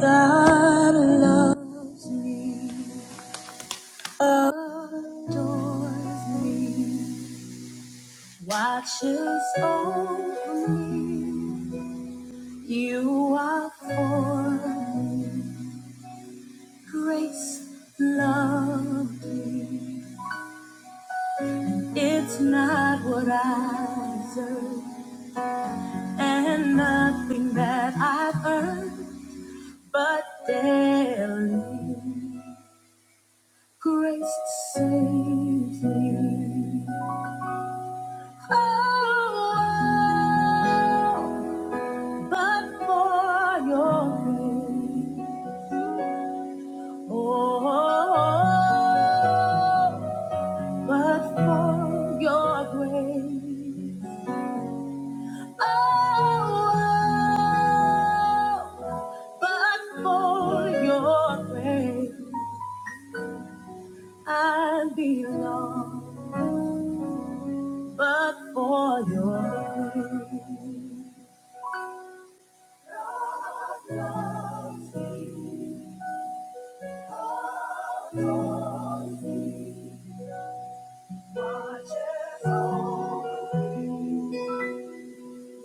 God loves me, adores me, watches over me. You are for me. Grace loved me. It's not what I deserve, and nothing that I've earned, but daily grace saves me. Oh, but for your grace. Oh, but for your grace. Oh, but for your grace, I belong. But for your grace,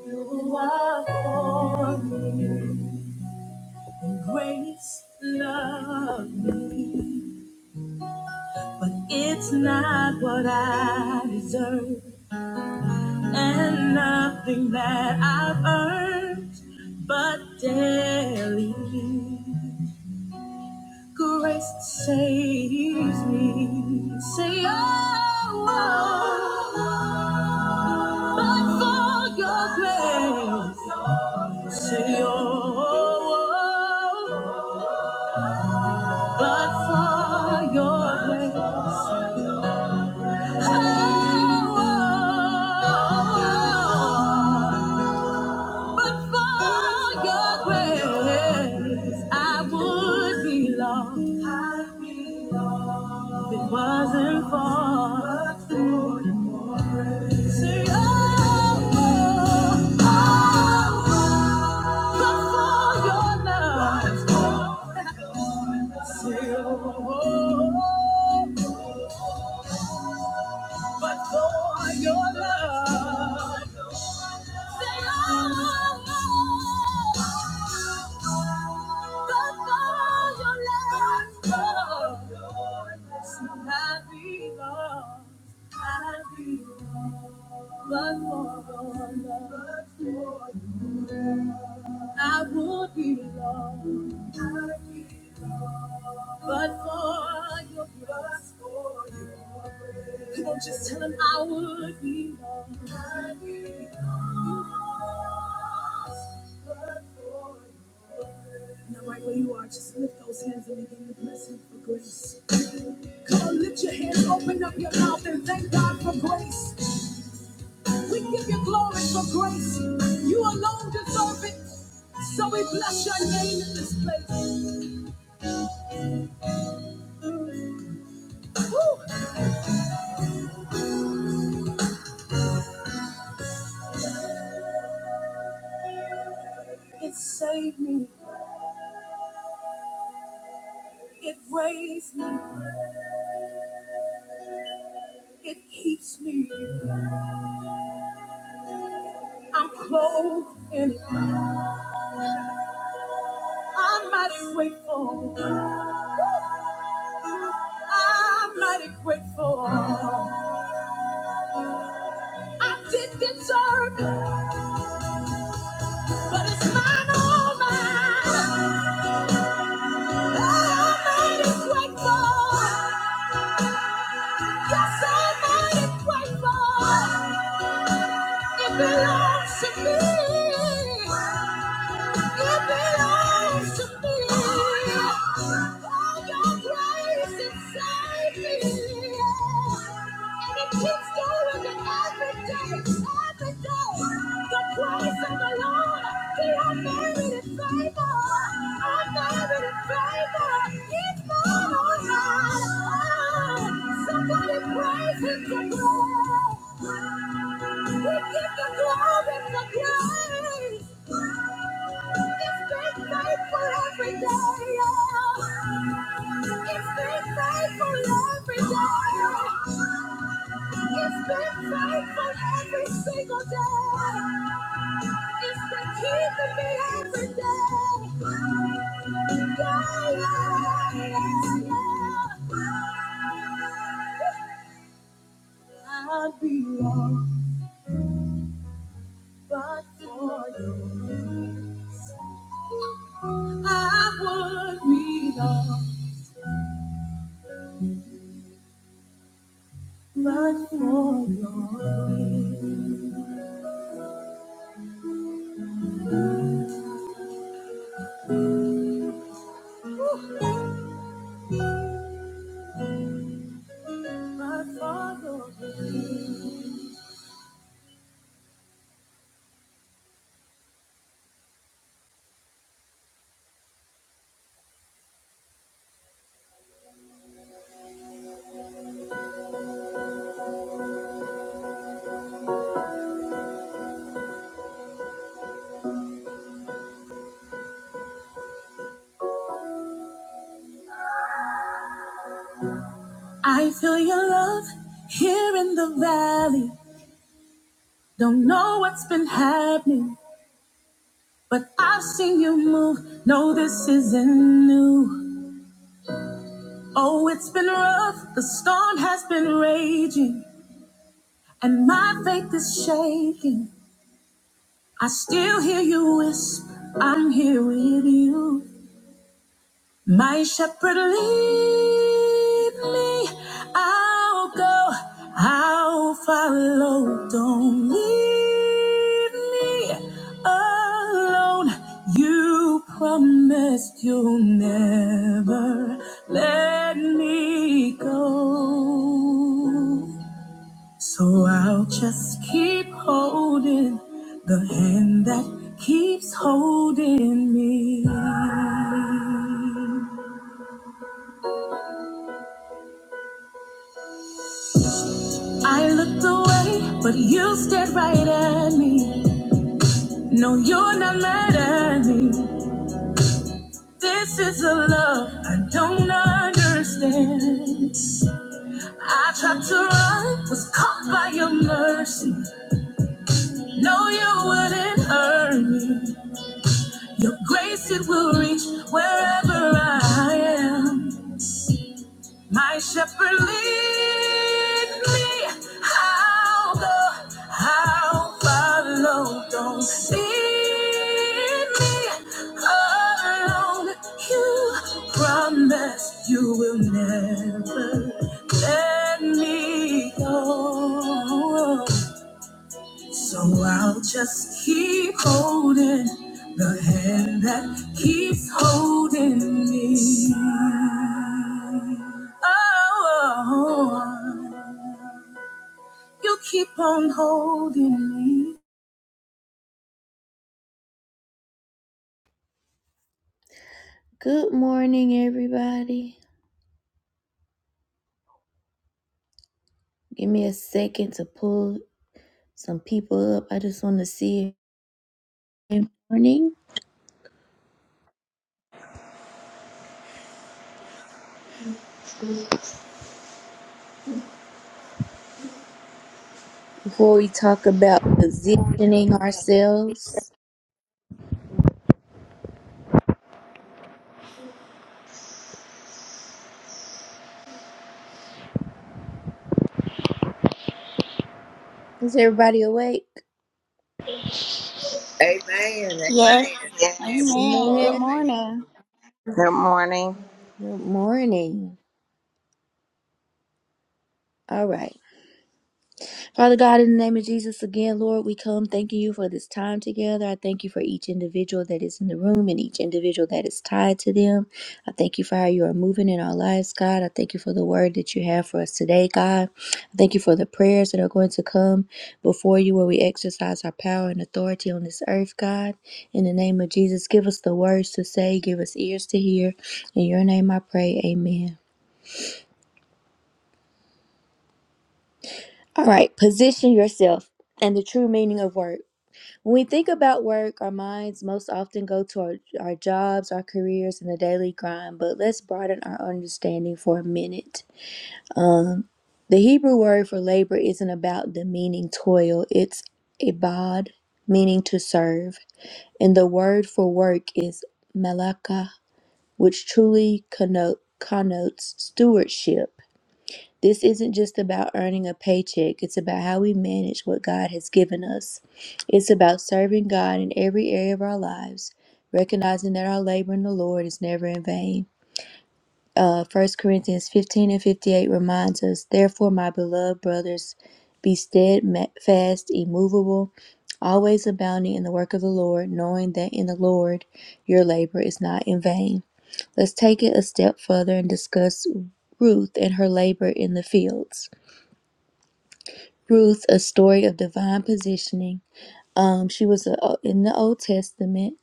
You are for me, grace, love me, but it's not what I deserve, and nothing that I've earned, but daily grace saves me. Say, oh, oh, oh, but for your grace, say, oh. oh, oh, But for your grace, oh, but for your grace, I would be lost. If it wasn't for say, oh, oh, oh, but for your love, say, oh, oh, oh. but for your love. Say, oh, oh, oh." but for your love. So I belong, I belong, but for your love. I would be lost, but for your blood. Well, just tell him I would be lost. but for you. Now, right where you are, just lift those hands and begin to bless him for grace. Come on, lift your hands, open up your mouth, and thank God for grace. We give you glory for grace. You alone deserve it. So we bless your name in this place. Woo! It saved me. It raised me. It keeps me. I'm clothed in it. I'm mighty grateful. I'm mighty grateful. I did deserve it, but oh my, I'm mighty grateful. Yes, I'm mighty grateful. It belongs to me. It belongs to me. All your grace inside me. And it keeps going every day, every day. The Praise of the the the Lord, He has has It's It's been been been faithful. faithful faithful Somebody praise Him to glory. We give the glory to day. day. every day. It's been faithful every day. It's been faithful Every single day. it keeping me every day. Yeah, yeah, yeah, yeah. I'd be lost but for you. I would be lost but for you. But for you. I feel your love here in the valley. Don't know what's been happening, but I've seen you move. No, this isn't new. Oh, it's been rough. The storm has been raging, and my faith is shaking. I still hear you whisper, I'm here with you. My shepherd lead me, I'll go, I'll follow. Don't leave me alone. You promised you'll never let me go. So I'll just keep holding the hand that keeps holding me. I looked away, but you stared right at me. No, you're not mad at me. This is a love I don't understand. I tried to run, was caught by your mercy. No, you wouldn't hurt me. Your grace, it will reach wherever I am. My shepherd lead me, I'll go, I'll follow. Don't leave me alone. You promise you will never let me go. So I'll just keep holding the hand that keeps holding me. Oh, you keep on holding me. Good morning, everybody. Give me a second to pull some people up. I just want to see you. Good morning. Before we talk about positioning ourselves, is everybody awake? Amen. Yes. Amen. Amen. Yes. Pull them Amen. Good up. Man, Amen. morning. Good morning. good morning. All right. Father God, in the name of Jesus, again, Lord, we come thanking you for this time together. I thank you for each individual that is in the room and each individual that is tied to them. I thank you for how you are moving in our lives, God. I thank you for the word that you have for us today, God. I thank you for the prayers that are going to come before you where we exercise our power and authority on this earth, God. In the name of Jesus, give us the words to say, give us ears to hear. In your name I pray, amen. All right, position yourself and the true meaning of work. When we think about work, our minds most often go to our, our jobs, our careers, and the daily grind, but let's broaden our understanding for a minute. Um, the Hebrew word for labor isn't about demeaning toil, it's ibad, meaning to serve. And the word for work is malaka, which truly conno- connotes stewardship. This isn't just about earning a paycheck, it's about how we manage what God has given us. It's about serving God in every area of our lives, recognizing that our labor in the Lord is never in vain. Uh, 1 Corinthians 15 and 58 reminds us, Therefore, my beloved brothers, be steadfast, immovable, always abounding in the work of the Lord, knowing that in the Lord your labor is not in vain. Let's take it a step further and discuss Ruth and her labor in the fields. Ruth, a story of divine positioning. Um, she was a, in the Old Testament.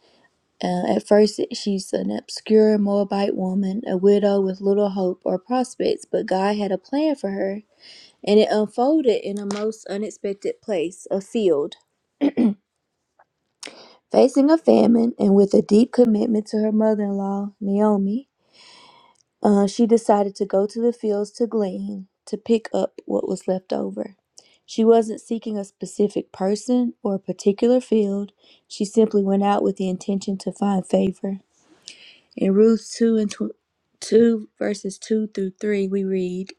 Uh, at first, she's an obscure Moabite woman, a widow with little hope or prospects, but God had a plan for her, and it unfolded in a most unexpected place a field. Facing a famine and with a deep commitment to her mother in law, Naomi, Uh, she decided to go to the fields to glean, to pick up what was left over. She wasn't seeking a specific person or a particular field. She simply went out with the intention to find favor. In Ruth 2 and tw- 2 verses 2 through 3, we read,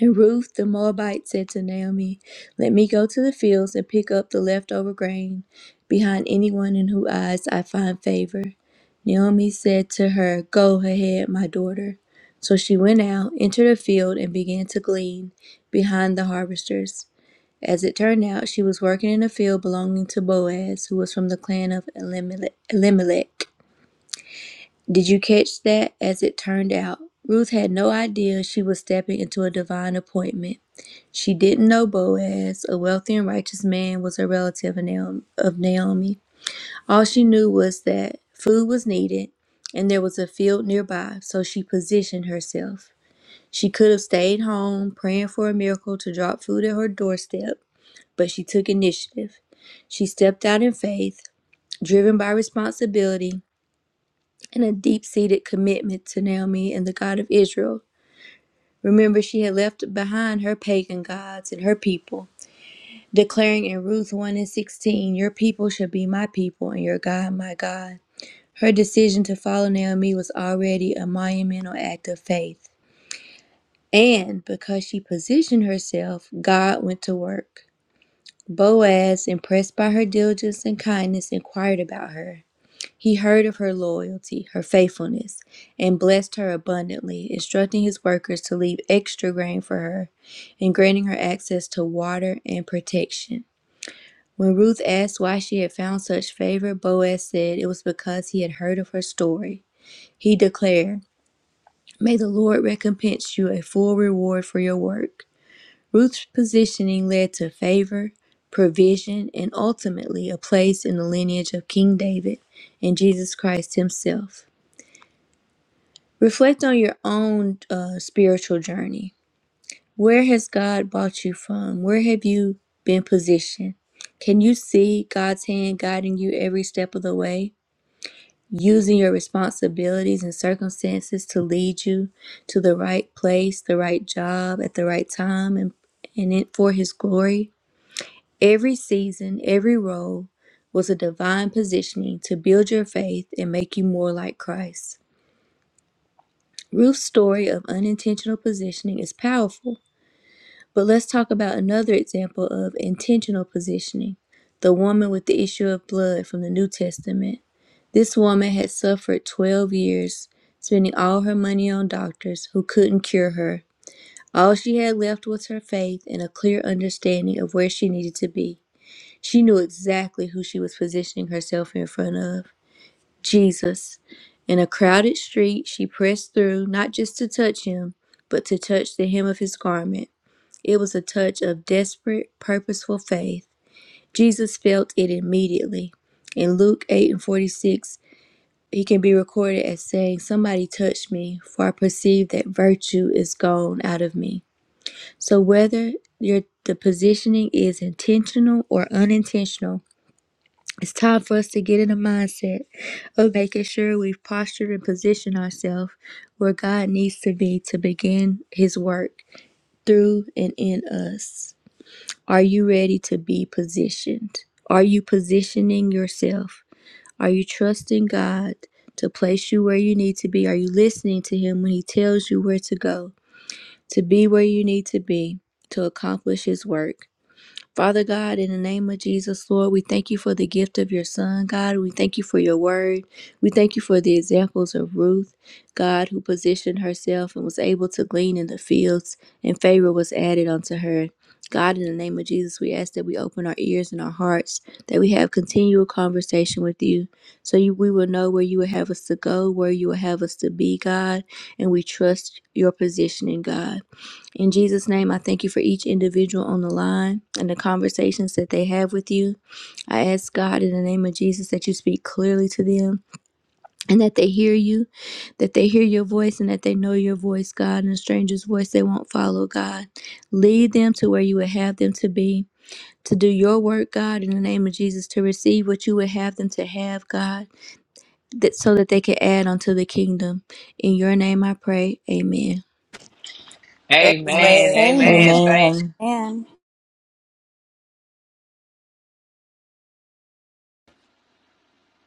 and Ruth the Moabite said to Naomi, Let me go to the fields and pick up the leftover grain behind anyone in whose eyes I find favor. Naomi said to her, Go ahead, my daughter. So she went out, entered a field, and began to glean behind the harvesters. As it turned out, she was working in a field belonging to Boaz, who was from the clan of Elimele- Elimelech. Did you catch that? As it turned out, Ruth had no idea she was stepping into a divine appointment. She didn't know Boaz, a wealthy and righteous man, was a relative of Naomi. All she knew was that food was needed and there was a field nearby, so she positioned herself. She could have stayed home, praying for a miracle to drop food at her doorstep, but she took initiative. She stepped out in faith, driven by responsibility and a deep seated commitment to Naomi and the God of Israel. Remember, she had left behind her pagan gods and her people declaring in Ruth 1 and 16, Your people shall be my people, and your God my God. Her decision to follow Naomi was already a monumental act of faith. And because she positioned herself, God went to work. Boaz, impressed by her diligence and kindness, inquired about her. He heard of her loyalty, her faithfulness, and blessed her abundantly, instructing his workers to leave extra grain for her and granting her access to water and protection. When Ruth asked why she had found such favor, Boaz said it was because he had heard of her story. He declared, May the Lord recompense you a full reward for your work. Ruth's positioning led to favor, provision, and ultimately a place in the lineage of King David and Jesus Christ himself. Reflect on your own uh, spiritual journey. Where has God brought you from? Where have you been positioned? Can you see God's hand guiding you every step of the way, using your responsibilities and circumstances to lead you to the right place, the right job, at the right time, and, and it for His glory? Every season, every role was a divine positioning to build your faith and make you more like Christ. Ruth's story of unintentional positioning is powerful But let's talk about another example of intentional positioning the woman with the issue of blood from the New Testament. This woman had suffered 12 years, spending all her money on doctors who couldn't cure her. All she had left was her faith and a clear understanding of where she needed to be. She knew exactly who she was positioning herself in front of Jesus. In a crowded street, she pressed through, not just to touch him, but to touch the hem of his garment. It was a touch of desperate, purposeful faith. Jesus felt it immediately. In Luke 8 and 46, he can be recorded as saying, Somebody touched me, for I perceive that virtue is gone out of me. So, whether your, the positioning is intentional or unintentional, it's time for us to get in a mindset of making sure we've postured and positioned ourselves where God needs to be to begin His work through and in us. Are you ready to be positioned? Are you positioning yourself? Are you trusting God to place you where you need to be? Are you listening to Him when He tells you where to go, to be where you need to be, to accomplish His work? Father God, in the name of Jesus, Lord, we thank you for the gift of your son, God. We thank you for your word. We thank you for the examples of Ruth, God, who positioned herself and was able to glean in the fields, and favor was added unto her. God, in the name of Jesus, we ask that we open our ears and our hearts, that we have continual conversation with you, so you, we will know where you will have us to go, where you will have us to be, God, and we trust your positioning, God. In Jesus' name, I thank you for each individual on the line and the conversations that they have with you. I ask God in the name of Jesus that you speak clearly to them and that they hear you, that they hear your voice and that they know your voice, God, and a stranger's voice they won't follow, God. Lead them to where you would have them to be. To do your work, God, in the name of Jesus, to receive what you would have them to have, God, that so that they can add unto the kingdom. In your name I pray. Amen. Amen. Amen. Amen. Amen. Amen. Thank Amen. Amen.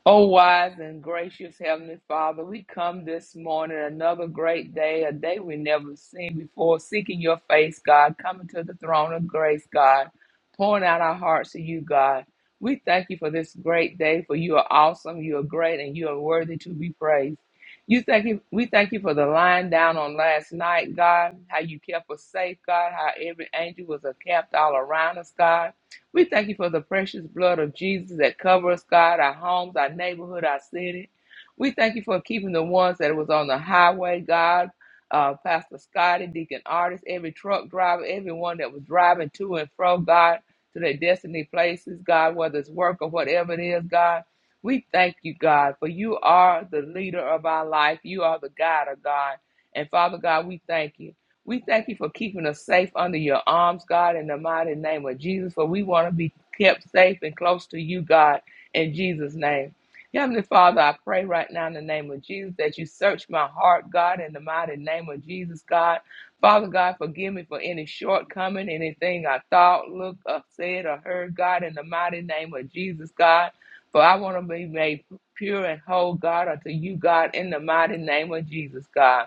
Oh, wise and gracious Heavenly Father, we come this morning, another great day, a day we never seen before, seeking your face, God, coming to the throne of grace, God, pouring out our hearts to you, God. We thank you for this great day, for you are awesome, you are great, and you are worthy to be praised. You thank you, we thank you for the lying down on last night, God, how you kept us safe, God, how every angel was uh, kept all around us, God. We thank you for the precious blood of Jesus that covers God, our homes, our neighborhood, our city. We thank you for keeping the ones that was on the highway, God, uh, Pastor Scotty, Deacon Artist, every truck driver, everyone that was driving to and from God to their destiny places, God, whether it's work or whatever it is, God. We thank you, God, for you are the leader of our life. You are the guide of God. And Father God, we thank you. We thank you for keeping us safe under your arms, God, in the mighty name of Jesus. For we want to be kept safe and close to you, God, in Jesus' name. Heavenly Father, I pray right now in the name of Jesus that you search my heart, God, in the mighty name of Jesus, God. Father God, forgive me for any shortcoming, anything I thought, looked, or said, or heard, God, in the mighty name of Jesus, God. For I want to be made pure and whole, God, unto you, God, in the mighty name of Jesus, God.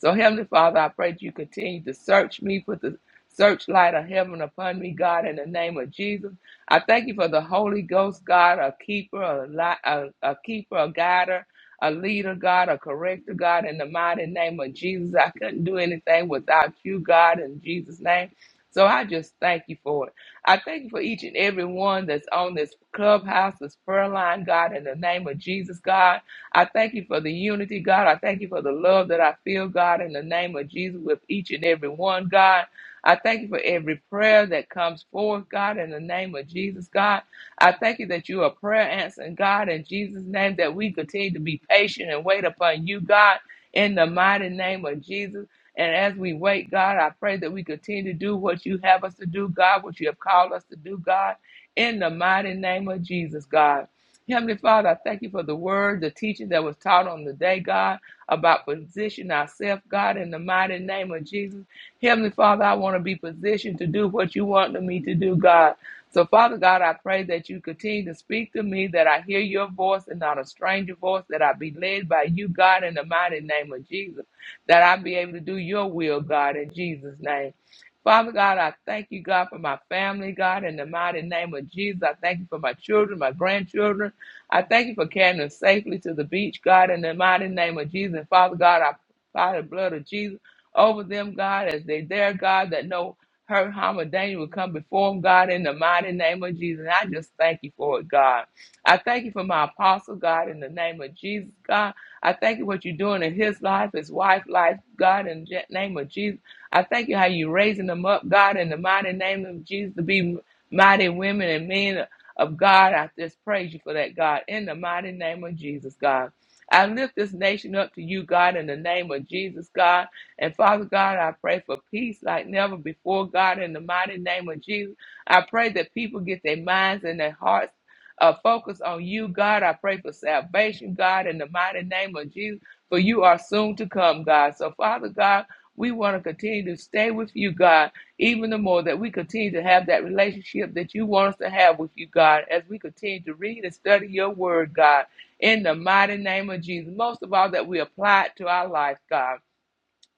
So, Heavenly Father, I pray that you continue to search me, put the searchlight of heaven upon me, God, in the name of Jesus. I thank you for the Holy Ghost, God, a keeper, a, li- a, a keeper, a guider, a leader, God, a corrector, God, in the mighty name of Jesus. I couldn't do anything without you, God, in Jesus' name. So I just thank you for it. I thank you for each and every one that's on this clubhouse, this prayer line, God, in the name of Jesus, God. I thank you for the unity, God. I thank you for the love that I feel, God, in the name of Jesus with each and every one, God. I thank you for every prayer that comes forth, God, in the name of Jesus, God. I thank you that you are prayer answering, God, in Jesus' name, that we continue to be patient and wait upon you, God, in the mighty name of Jesus. And as we wait, God, I pray that we continue to do what you have us to do, God, what you have called us to do, God, in the mighty name of Jesus, God. Heavenly Father, I thank you for the word, the teaching that was taught on the day, God, about position ourselves, God, in the mighty name of Jesus. Heavenly Father, I want to be positioned to do what you want me to do, God. So, Father God, I pray that you continue to speak to me, that I hear your voice and not a stranger voice, that I be led by you, God, in the mighty name of Jesus, that I be able to do your will, God, in Jesus' name. Father God, I thank you, God, for my family, God, in the mighty name of Jesus. I thank you for my children, my grandchildren. I thank you for carrying us safely to the beach, God, in the mighty name of Jesus. And Father God, I by the blood of Jesus over them, God, as they dare, God, that no hurt, harm, or danger will come before them, God, in the mighty name of Jesus. And I just thank you for it, God. I thank you for my apostle, God, in the name of Jesus, God. I thank you what you're doing in his life, his wife's life, God, in the name of Jesus. I thank you how you're raising them up, God, in the mighty name of Jesus, to be mighty women and men of God. I just praise you for that, God, in the mighty name of Jesus, God. I lift this nation up to you, God, in the name of Jesus, God. And Father God, I pray for peace like never before, God, in the mighty name of Jesus. I pray that people get their minds and their hearts uh, focused on you, God. I pray for salvation, God, in the mighty name of Jesus, for you are soon to come, God. So, Father God, we want to continue to stay with you, God even the more that we continue to have that relationship that you want us to have with you, God, as we continue to read and study your word, God, in the mighty name of Jesus. Most of all, that we apply it to our life, God.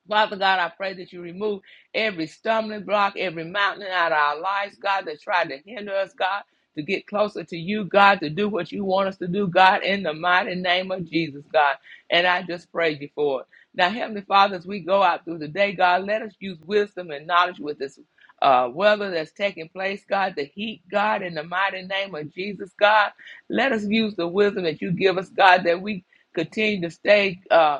Father God, I pray that you remove every stumbling block, every mountain out of our lives, God, that tried to hinder us, God, to get closer to you, God, to do what you want us to do, God, in the mighty name of Jesus, God. And I just praise you for it. Now, Heavenly Father, as we go out through the day, God, let us use wisdom and knowledge with this uh, weather that's taking place, God, the heat, God, in the mighty name of Jesus, God. Let us use the wisdom that you give us, God, that we continue to stay. uh,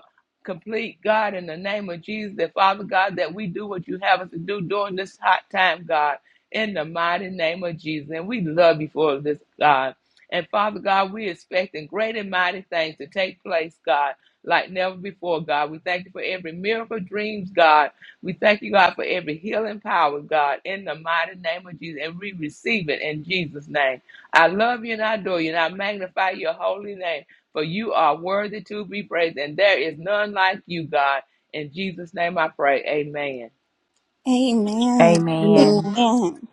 complete, God, in the name of Jesus, that Father God, that we do what you have us to do during this hot time, God, in the mighty name of Jesus. And we love you for this, God. And Father God, we're expecting great and mighty things to take place, God, like never before, God. We thank you for every miracle dreams, God. We thank you, God, for every healing power, God, in the mighty name of Jesus. And we receive it in Jesus' name. I love you and I adore you and I magnify your holy name for you are worthy to be praised, and there is none like you, God. In Jesus' name I pray. Amen. Amen. Amen.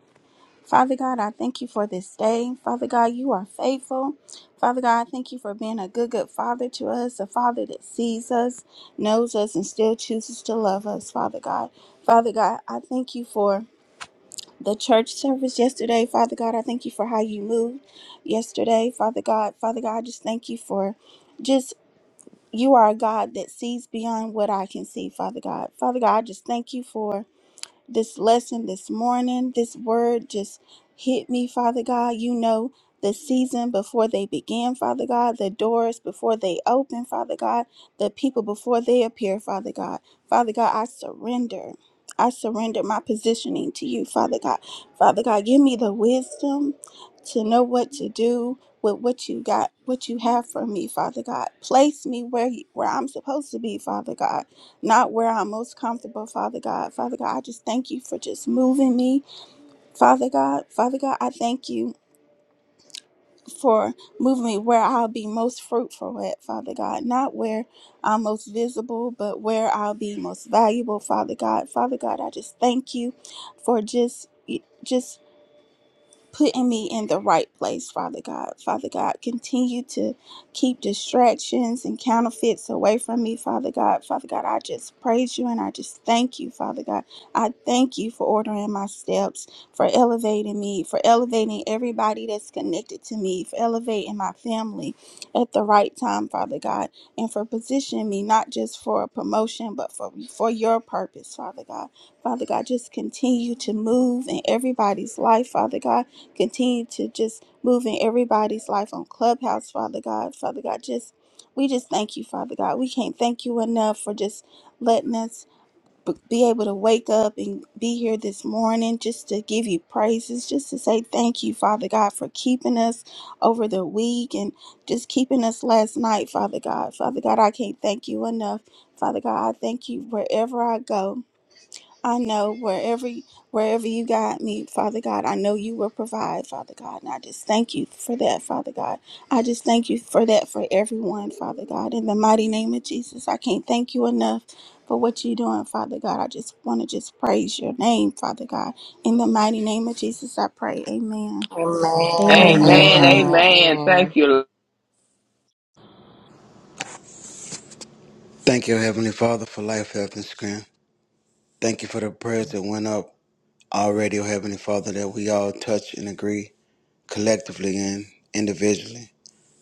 Father God, I thank you for this day. Father God, you are faithful. Father God, I thank you for being a good, good father to us, a father that sees us, knows us, and still chooses to love us, Father God. Father God, I thank you for the church service yesterday. Father God, I thank you for how you moved yesterday, Father God. Father God, I just thank you for. just. You are a God that sees beyond what I can see, Father God. Father God, I just thank you for this lesson this morning. This word just hit me, Father God. You know the season before they begin, Father God, the doors before they open, Father God, the people before they appear, Father God. Father God, I surrender. I surrender my positioning to you, Father God. Father God, give me the wisdom to know what to do with what you got, what you have for me, Father God. Place me where you, where I'm supposed to be, Father God not where I'm most comfortable, Father God. Father God, I just thank you for just moving me, Father God. Father God, I thank you for moving me where I'll be most fruitful at, Father God. Not where I'm most visible, but where I'll be most valuable, Father God. Father God, I just thank you for just. Just putting me in the right place, Father God. Father God, continue to keep distractions and counterfeits away from me, Father God. Father God, I just praise you and I just thank you, Father God. I thank you for ordering my steps, for elevating me, for elevating everybody that's connected to me, for elevating my family at the right time, Father God, and for positioning me not just for a promotion, but for, for your purpose, Father God. Father God, just continue to move in everybody's life, Father God continue to just move in everybody's life on Clubhouse, Father God. Father God, just we just thank you, Father God. We can't thank you enough for just letting us b- be able to wake up and be here this morning just to give you praises, just to say thank you, Father God, for keeping us over the week and just keeping us last night, Father God. Father God, I can't thank you enough. Father God, I thank you wherever I go. I know wherever wherever you guide me, Father God, I know you will provide, Father God. And I just thank you for that, Father God. I just thank you for that for everyone, Father God. In the mighty name of Jesus, I can't thank you enough for what you're doing, Father God. I just want to just praise your name, Father God. In the mighty name of Jesus, I pray. Amen. Amen. Amen. Amen. Amen. Amen. Amen. Thank you. Thank you, Heavenly Father, for life, health, and strength. Thank you for the prayers that went up already, oh Heavenly Father, that we all touch and agree collectively and individually.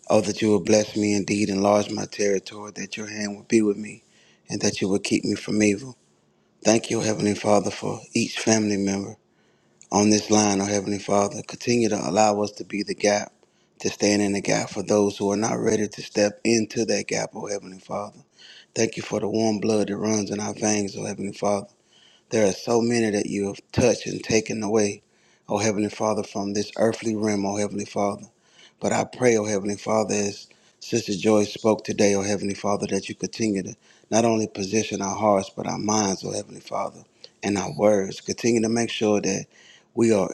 Oh, that you would bless me indeed, enlarge my territory, that your hand would be with me, and that you would keep me from evil. Thank you, Heavenly Father, for each family member on this line, oh Heavenly Father. Continue to allow us to be the gap, to stand in the gap for those who are not ready to step into that gap, oh Heavenly Father. Thank you for the warm blood that runs in our veins, O Heavenly Father. There are so many that you have touched and taken away, O Heavenly Father, from this earthly realm, O Heavenly Father. But I pray, O Heavenly Father, as Sister Joyce spoke today, O Heavenly Father, that you continue to not only position our hearts, but our minds, O Heavenly Father, and our words. Continue to make sure that. we are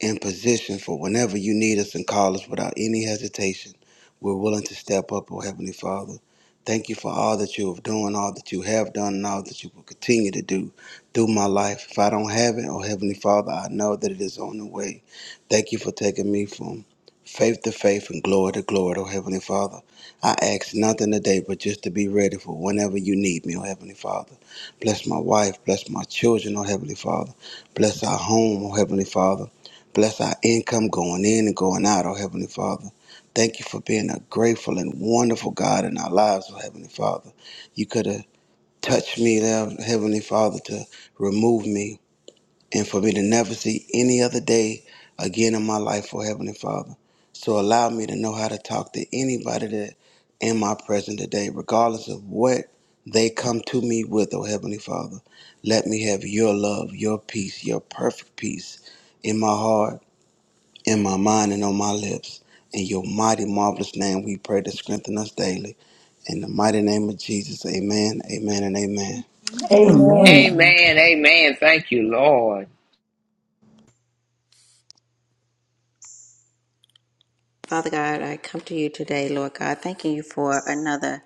in position for whenever you need us and call us without any hesitation. We're willing to step up, oh Heavenly Father. Thank you for all that you have done, all that you have done, and all that you will continue to do through my life. If I don't have it, oh Heavenly Father, I know that it is on the way. Thank you for taking me from faith to faith and glory to glory, oh Heavenly Father. I ask nothing today but just to be ready for whenever you need me, oh Heavenly Father. Bless my wife, bless my children, oh Heavenly Father. Bless our home, oh Heavenly Father. Bless our income going in and going out, oh Heavenly Father. Thank you for being a grateful and wonderful God in our lives, oh Heavenly Father. You could have touched me there, Heavenly Father, to remove me and for me to never see any other day again in my life, oh Heavenly Father. So allow me to know how to talk to anybody that in my present today, regardless of what they come to me with, oh Heavenly Father. Let me have your love, your peace, your perfect peace in my heart in my mind and on my lips. In your mighty, marvelous name, we pray to strengthen us daily. In the mighty name of Jesus, amen, amen, and amen. Amen. Amen. Amen. Amen. Amen. Amen. Thank you, Lord. Come to you today, Lord. Thank you for another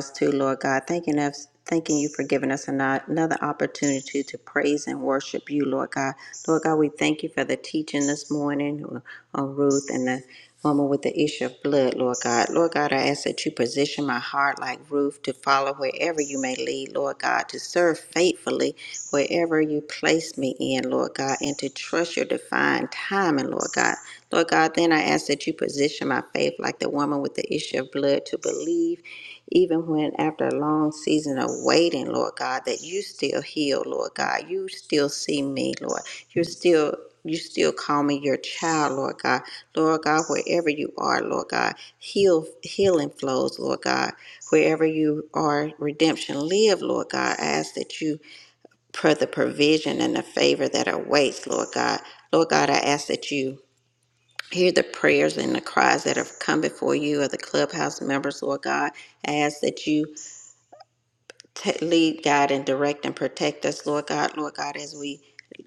brought us to, Lord God. Thanking us, thanking you for giving us ano- another opportunity to praise and worship you, Lord God. Lord God, we thank you for the teaching this morning uh, on Ruth and the woman with the issue of blood, Lord God. Lord God, I ask that you position my heart like Ruth to follow wherever you may lead, Lord God, to serve faithfully wherever you place me in, Lord God, and to trust your divine timing, Lord God. Lord God, then I ask that you position my faith like the woman with the issue of blood to believe, even when after a long season of waiting, Lord God, that you still heal, Lord God. You still see me, Lord. You're still. You still call me your child, Lord God. Lord God, wherever you are, Lord God, heal, healing flows, Lord God. Wherever you are, redemption live, Lord God. I ask that you, for the provision and the favor that awaits, Lord God. Lord God, I ask that you Hear the prayers and the cries that have come before you of the clubhouse members, Lord God. I ask that you t- lead, guide, and direct and protect us, Lord God, Lord God, as we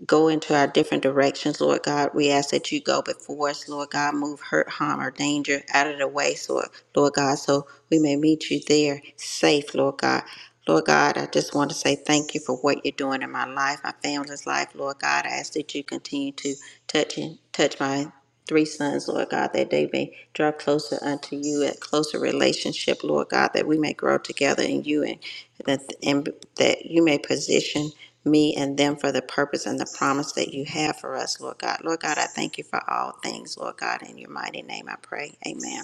go into our different directions, Lord God. We ask that you go before us, Lord God, move hurt, harm, or danger out of the way, so, Lord God, so we may meet you there safe, Lord God. Lord God, I just want to say thank you for what you're doing in my life, my family's life. Lord God, I ask that you continue to touch and touch my three sons, Lord God, that they may draw closer unto you, a closer relationship, Lord God, that we may grow together in you and that and that you may position me and them for the purpose and the promise that you have for us, Lord God. Lord God, I thank you for all things, Lord God. In your mighty name I pray. Amen.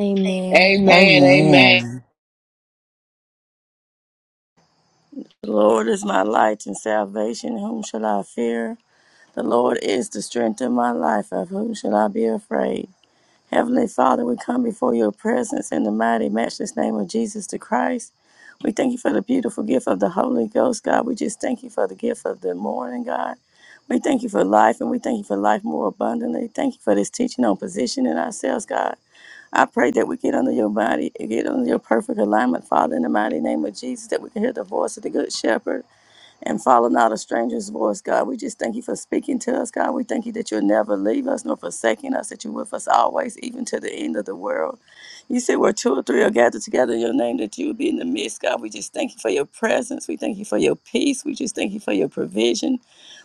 Amen. Amen. Amen. Amen. The Lord is my light and salvation. Whom shall I fear? The Lord is the strength of my life. Of whom shall I be afraid? Heavenly Father, we come before your presence in the mighty, matchless name of Jesus the Christ. We thank you for the beautiful gift of the Holy Ghost, God. We just thank you for the gift of the morning, God. We thank you for life, and we thank you for life more abundantly. Thank you for this teaching on positioning ourselves, God. I pray that we get under your body, get under your perfect alignment, Father, in the mighty name of Jesus, that we can hear the voice of the Good Shepherd and follow not a stranger's voice, God. We just thank you for speaking to us, God. We thank you that you'll never leave us nor forsaking us, that you're with us always, even to the end of the world. You said where two or three are gathered together in your name, that you will be in the midst, God. We just thank you for your presence. We thank you for your peace. We just thank you for your provision.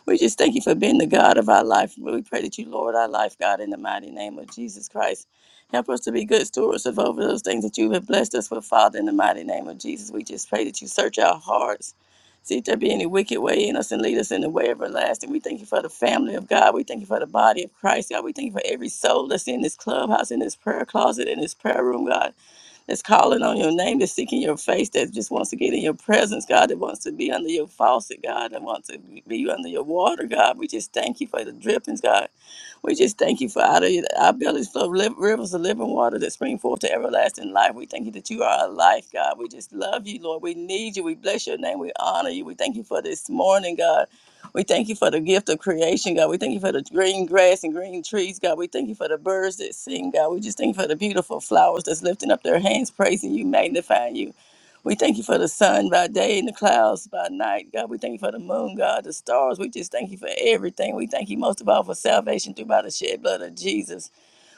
We just thank you for being the God of our life. We pray that you Lord our life, God, in the mighty name of Jesus Christ. Help us to be good stewards of over those things that you have blessed us with, Father, in the mighty name of Jesus. We just pray that you search our hearts See, if there be any wicked way in us and lead us in the way everlasting. We thank you for the family of God. We thank you for the body of Christ, God. We thank you for every soul that's in this clubhouse, in this prayer closet, in this prayer room, God that's calling on your name, that's seeking your face, that just wants to get in your presence, God, that wants to be under your faucet, God, that wants to be under your water, God. We just thank you for the drippings, God. We just thank you for out of our bellies flow li- rivers of living water that spring forth to everlasting life. We thank you that you are our life, God. We just love you, Lord. We need you. We bless your name. We honor you. We thank you for this morning, God. We thank you for the gift of creation, God. We thank you for the green grass and green trees, God. We thank you for the birds that sing, God. We just thank you for the beautiful flowers that's lifting up their hands, praising you, magnifying you. We thank you for the sun by day and the clouds by night, God. We thank you for the moon, God, the stars. We just thank you for everything. We thank you most of all for salvation through by the shed blood of Jesus.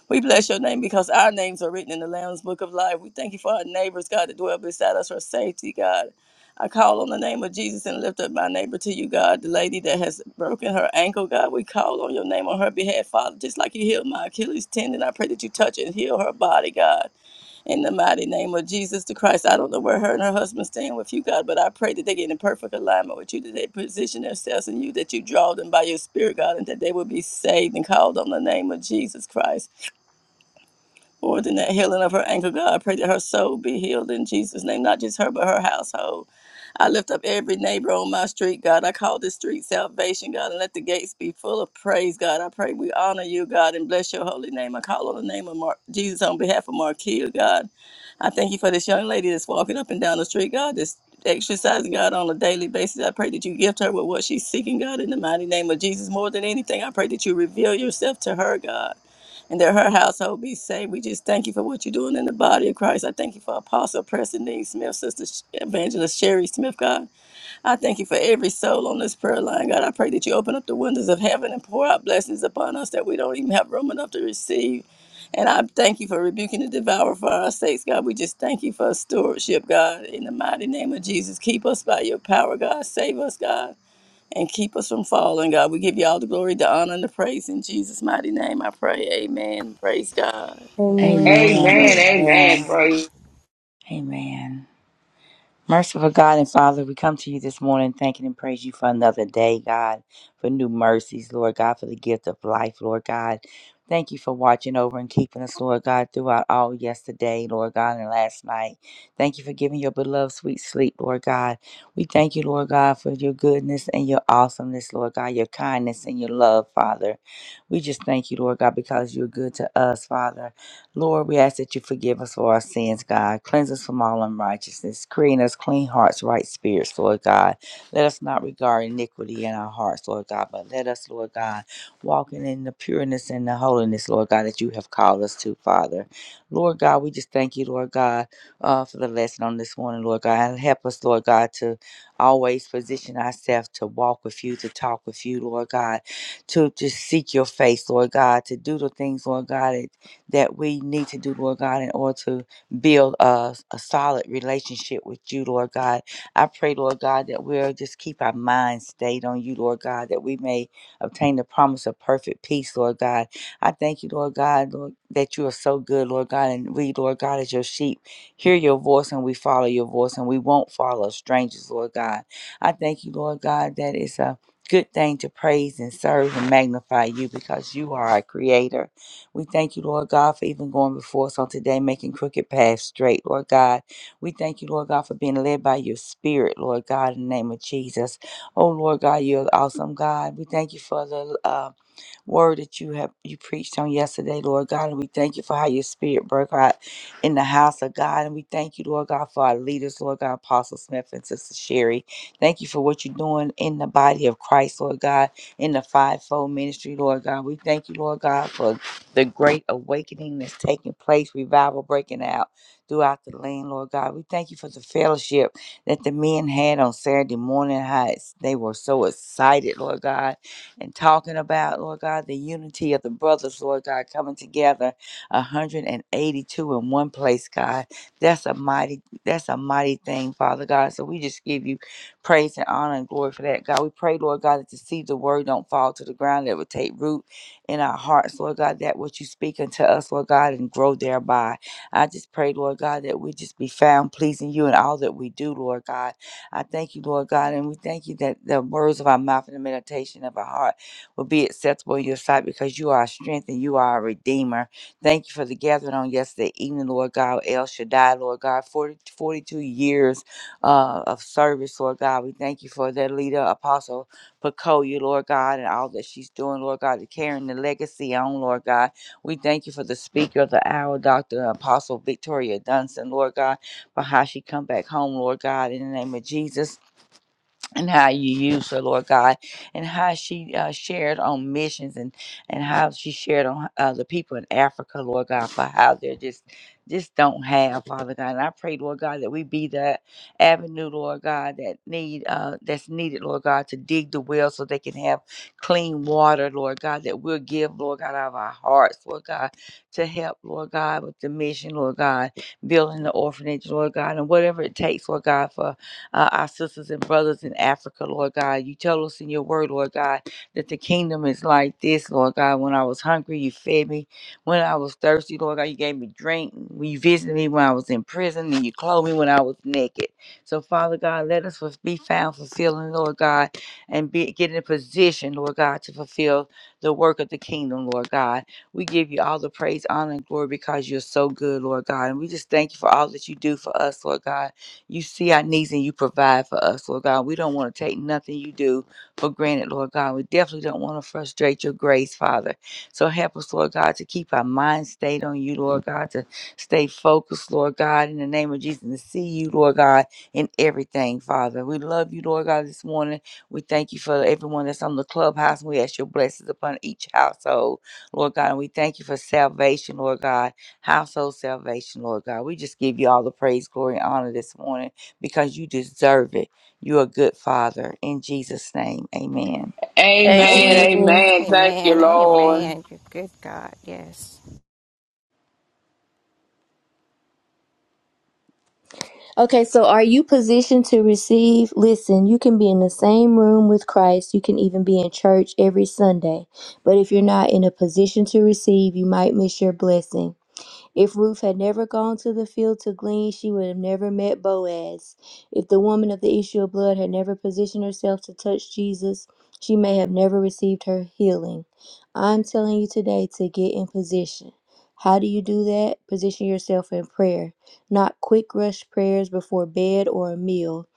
We bless your name because our names are written in the Lamb's Book of Life. We thank you for our neighbors, God, that dwell beside us for safety, God. I call on the name of Jesus and lift up my neighbor to you, God. The lady that has broken her ankle, God, we call on your name on her behalf, Father. Just like you healed my Achilles tendon, I pray that you touch and heal her body, God. In the mighty name of Jesus the Christ, I don't know where her and her husband stand with you, God, but I pray that they get in perfect alignment with you, that they position themselves in you, that you draw them by your spirit, God, and that they will be saved and called on the name of Jesus Christ. More than that healing of her ankle, God, I pray that her soul be healed in Jesus' name, not just her, but her household. I lift up every neighbor on my street, God. I call this street salvation, God, and let the gates be full of praise, God. I pray we honor you, God, and bless your holy name. I call on the name of Mar- Jesus on behalf of Marquia, God. I thank you for this young lady that's walking up and down the street, God, that's exercising, God, on a daily basis. I pray that you gift her with what she's seeking, God, in the mighty name of Jesus. More than anything, I pray that you reveal yourself to her, God and that her household be saved. We just thank you for what you're doing in the body of Christ. I thank you for Apostle Preston Dean Smith, Sister Sh- Evangelist Sherry Smith, God. I thank you for every soul on this prayer line, God. I pray that you open up the windows of heaven and pour out blessings upon us that we don't even have room enough to receive. And I thank you for rebuking the devourer for our sakes, God. We just thank you for stewardship, God. In the mighty name of Jesus, keep us by your power, God. Save us, God and keep us from falling, God. We give you all the glory, the honor, and the praise in Jesus' mighty name. I pray. Amen. Praise God. Amen. Amen. Amen. Amen. Amen. Amen. Praise. Amen. Merciful God and Father, we come to you this morning thanking and praise you for another day, God, for new mercies, Lord God, for the gift of life, Lord God. Thank you for watching over and keeping us, Lord God, throughout all yesterday, Lord God, and last night. Thank you for giving your beloved sweet sleep, Lord God. We thank you, Lord God, for your goodness and your awesomeness, Lord God, your kindness and your love, Father. We just thank you, Lord God, because you're good to us, Father. Lord, we ask that you forgive us for our sins, God. Cleanse us from all unrighteousness. Create in us clean hearts, right spirits, Lord God. Let us not regard iniquity in our hearts, Lord God, but let us, Lord God, walk in the pureness and the holiness, Lord God, that you have called us to, Father. Lord God, we just thank you, Lord God, uh, for the lesson on this morning, Lord God. And help us, Lord God, to always position ourselves to walk with you, to talk with you, Lord God, to just seek your face, Lord God, to do the things, Lord God. that that we need to do, Lord God, in order to build a, a solid relationship with you, Lord God. I pray, Lord God, that we'll just keep our minds stayed on you, Lord God, that we may obtain the promise of perfect peace, Lord God. I thank you, Lord God, Lord, that you are so good, Lord God, and we, Lord God, as your sheep, hear your voice and we follow your voice and we won't follow strangers, Lord God. I thank you, Lord God, that it's a good thing to praise and serve and magnify you because you are our creator we thank you, Lord God, for even going before us on today, making crooked paths straight, Lord God. We thank you, Lord God, for being led by your spirit, Lord God, in the name of Jesus. Oh, Lord God, you're awesome, God. We thank you for the um word that you have you preached on yesterday, Lord God. And we thank you for how your spirit broke out in the house of God. And we thank you, Lord God, for our leaders, Lord God, Apostle Smith and Sister Sherry. Thank you for what you're doing in the body of Christ, Lord God, in the fivefold ministry, Lord God. We thank you, Lord God, for the great awakening that's taking place, revival breaking out throughout the land, Lord God. We thank you for the fellowship that the men had on Saturday morning, how it's- they were so excited, Lord God and talking about, Lord God, the unity of the brothers, Lord God, coming together 182 in one place, God. That's a mighty, that's a mighty thing, Father God. So we just give you praise and honor and glory for that, God. We pray, Lord God, that to see the word don't fall to the ground, that it would take root in our hearts, Lord God, that what you speak unto us, Lord God, and grow thereby. I just pray, Lord God, that we just be found pleasing you in all that we do, Lord God I thank you, Lord God, and we thank you that the words of our mouth and the meditation of our heart will be acceptable in your sight because you are our strength and you are our redeemer. Thank you for the gathering on yesterday evening, Lord God. El Shaddai, Lord God, 40, 42 years uh, of service, Lord God. We thank you for that leader, Apostle Pacoya, Lord God, and all that she's doing, Lord God, to carrying the legacy on, Lord God. We thank you for the speaker of the hour, Dr. Apostle Victoria Dunson, Lord God for how she come back home, Lord God, in the name of Jesus and how you use her, Lord God, and how she uh, shared on missions and and how she shared on uh, the people in Africa, Lord God, for how they're just just don't have, Father God. And I pray, Lord God, that we be that avenue, Lord God, that need uh, that's needed, Lord God, to dig the well so they can have clean water, Lord God, that we'll give, Lord God, out of our hearts, Lord God, to help, Lord God, with the mission, Lord God, building the orphanage, Lord God, and whatever it takes, Lord God, for uh, our sisters and brothers in Africa, Lord God. You tell us in your word, Lord God, that the kingdom is like this, Lord God. When I was hungry, you fed me. When I was thirsty, Lord God, you gave me drink. When you visited me when I was in prison, and you clothed me when I was naked. So, Father God, let us be found fulfilling, Lord God, and be, get in a position, Lord God, to fulfill the work of the kingdom, Lord God. We give you all the praise, honor, and glory because you're so good, Lord God. And we just thank you for all that you do for us, Lord God. You see our needs and you provide for us, Lord God. We don't want to take nothing you do for granted, Lord God. We definitely don't want to frustrate your grace, Father. So help us, Lord God, to keep our mind stayed on you, Lord God, to stay focused, Lord God, in the name of Jesus, and to see you, Lord God, in everything, Father. We love you, Lord God, this morning. We thank you for everyone that's on the clubhouse. and We ask your blessings upon each household, Lord God. And we thank you for salvation, Lord God household salvation, Lord God. We just give you all the praise, glory, and honor this morning because you deserve it. You're a good father. In Jesus' name, amen. Amen. Amen. Amen. Amen. Thank you, Amen. Lord. Amen. You good God. Yes. Okay, so are you positioned to receive? Listen, you can be in the same room with Christ. You can even be in church every Sunday. But if you're not in a position to receive, you might miss your blessing. If Ruth had never gone to the field to glean, she would have never met Boaz. If the woman of the issue of blood had never positioned herself to touch Jesus, she may have never received her healing. I'm telling you today to get in position. How do you do that? Position yourself in prayer, not quick rush prayers before bed or a meal.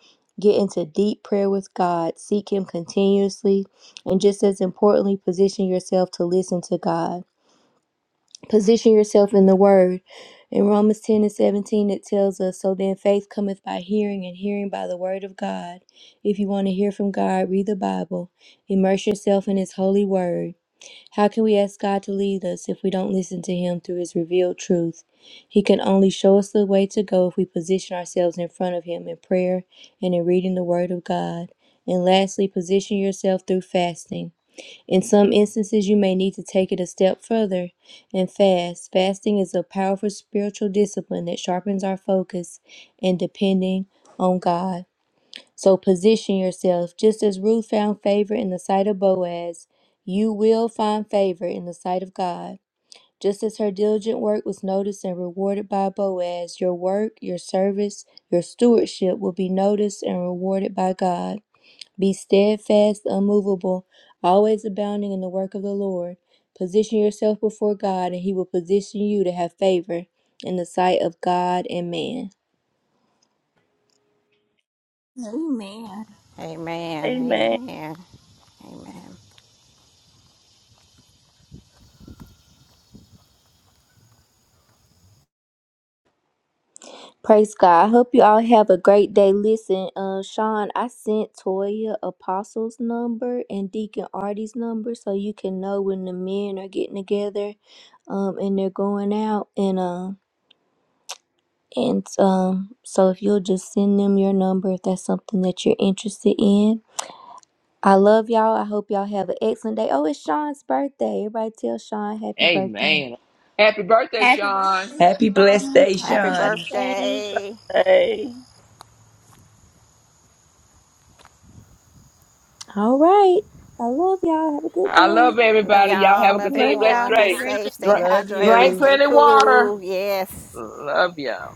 Get into deep prayer with God, seek Him continuously, and just as importantly, position yourself to listen to God. Position yourself in the word. In Romans 10 and 17, it tells us, So then faith cometh by hearing, and hearing by the word of God. If you want to hear from God, read the Bible, immerse yourself in His holy word. How can we ask God to lead us if we don't listen to Him through His revealed truth? He can only show us the way to go if we position ourselves in front of Him in prayer and in reading the word of God. And lastly, position yourself through fasting. In some instances, you may need to take it a step further and fast. Fasting is a powerful spiritual discipline that sharpens our focus and depending on God. So position yourself. Just as Ruth found favor in the sight of Boaz, you will find favor in the sight of God. Just as her diligent work was noticed and rewarded by Boaz, your work, your service, your stewardship will be noticed and rewarded by God. Be steadfast, unmovable, always abounding in the work of the Lord. Position yourself before God, and He will position you to have favor in the sight of God and man. Amen. Amen. Amen. Amen. Amen. Praise God. I hope you all have a great day. Listen, uh, Sean, I sent Toya Apostle's number and Deacon Artie's number so you can know when the men are getting together um, and they're going out. And, um, and um, so if you'll just send them your number if that's something that you're interested in I love y'all. I hope y'all have an excellent day. Oh, it's Sean's birthday. Everybody tell Sean happy birthday. Amen. Happy birthday, Happy Sean. birthday, Happy blessed Sean. day, Happy Sean. birthday. Praise. All right. I love y'all. Have a good I day. love Love everybody. Y'all have y'all. a Love continued Love blessed y'all. everyone. Happy Be birthday. day. safe. Stay Drink, Love hydrated. drink you. Stay plenty of water. cool. Yes. Love y'all.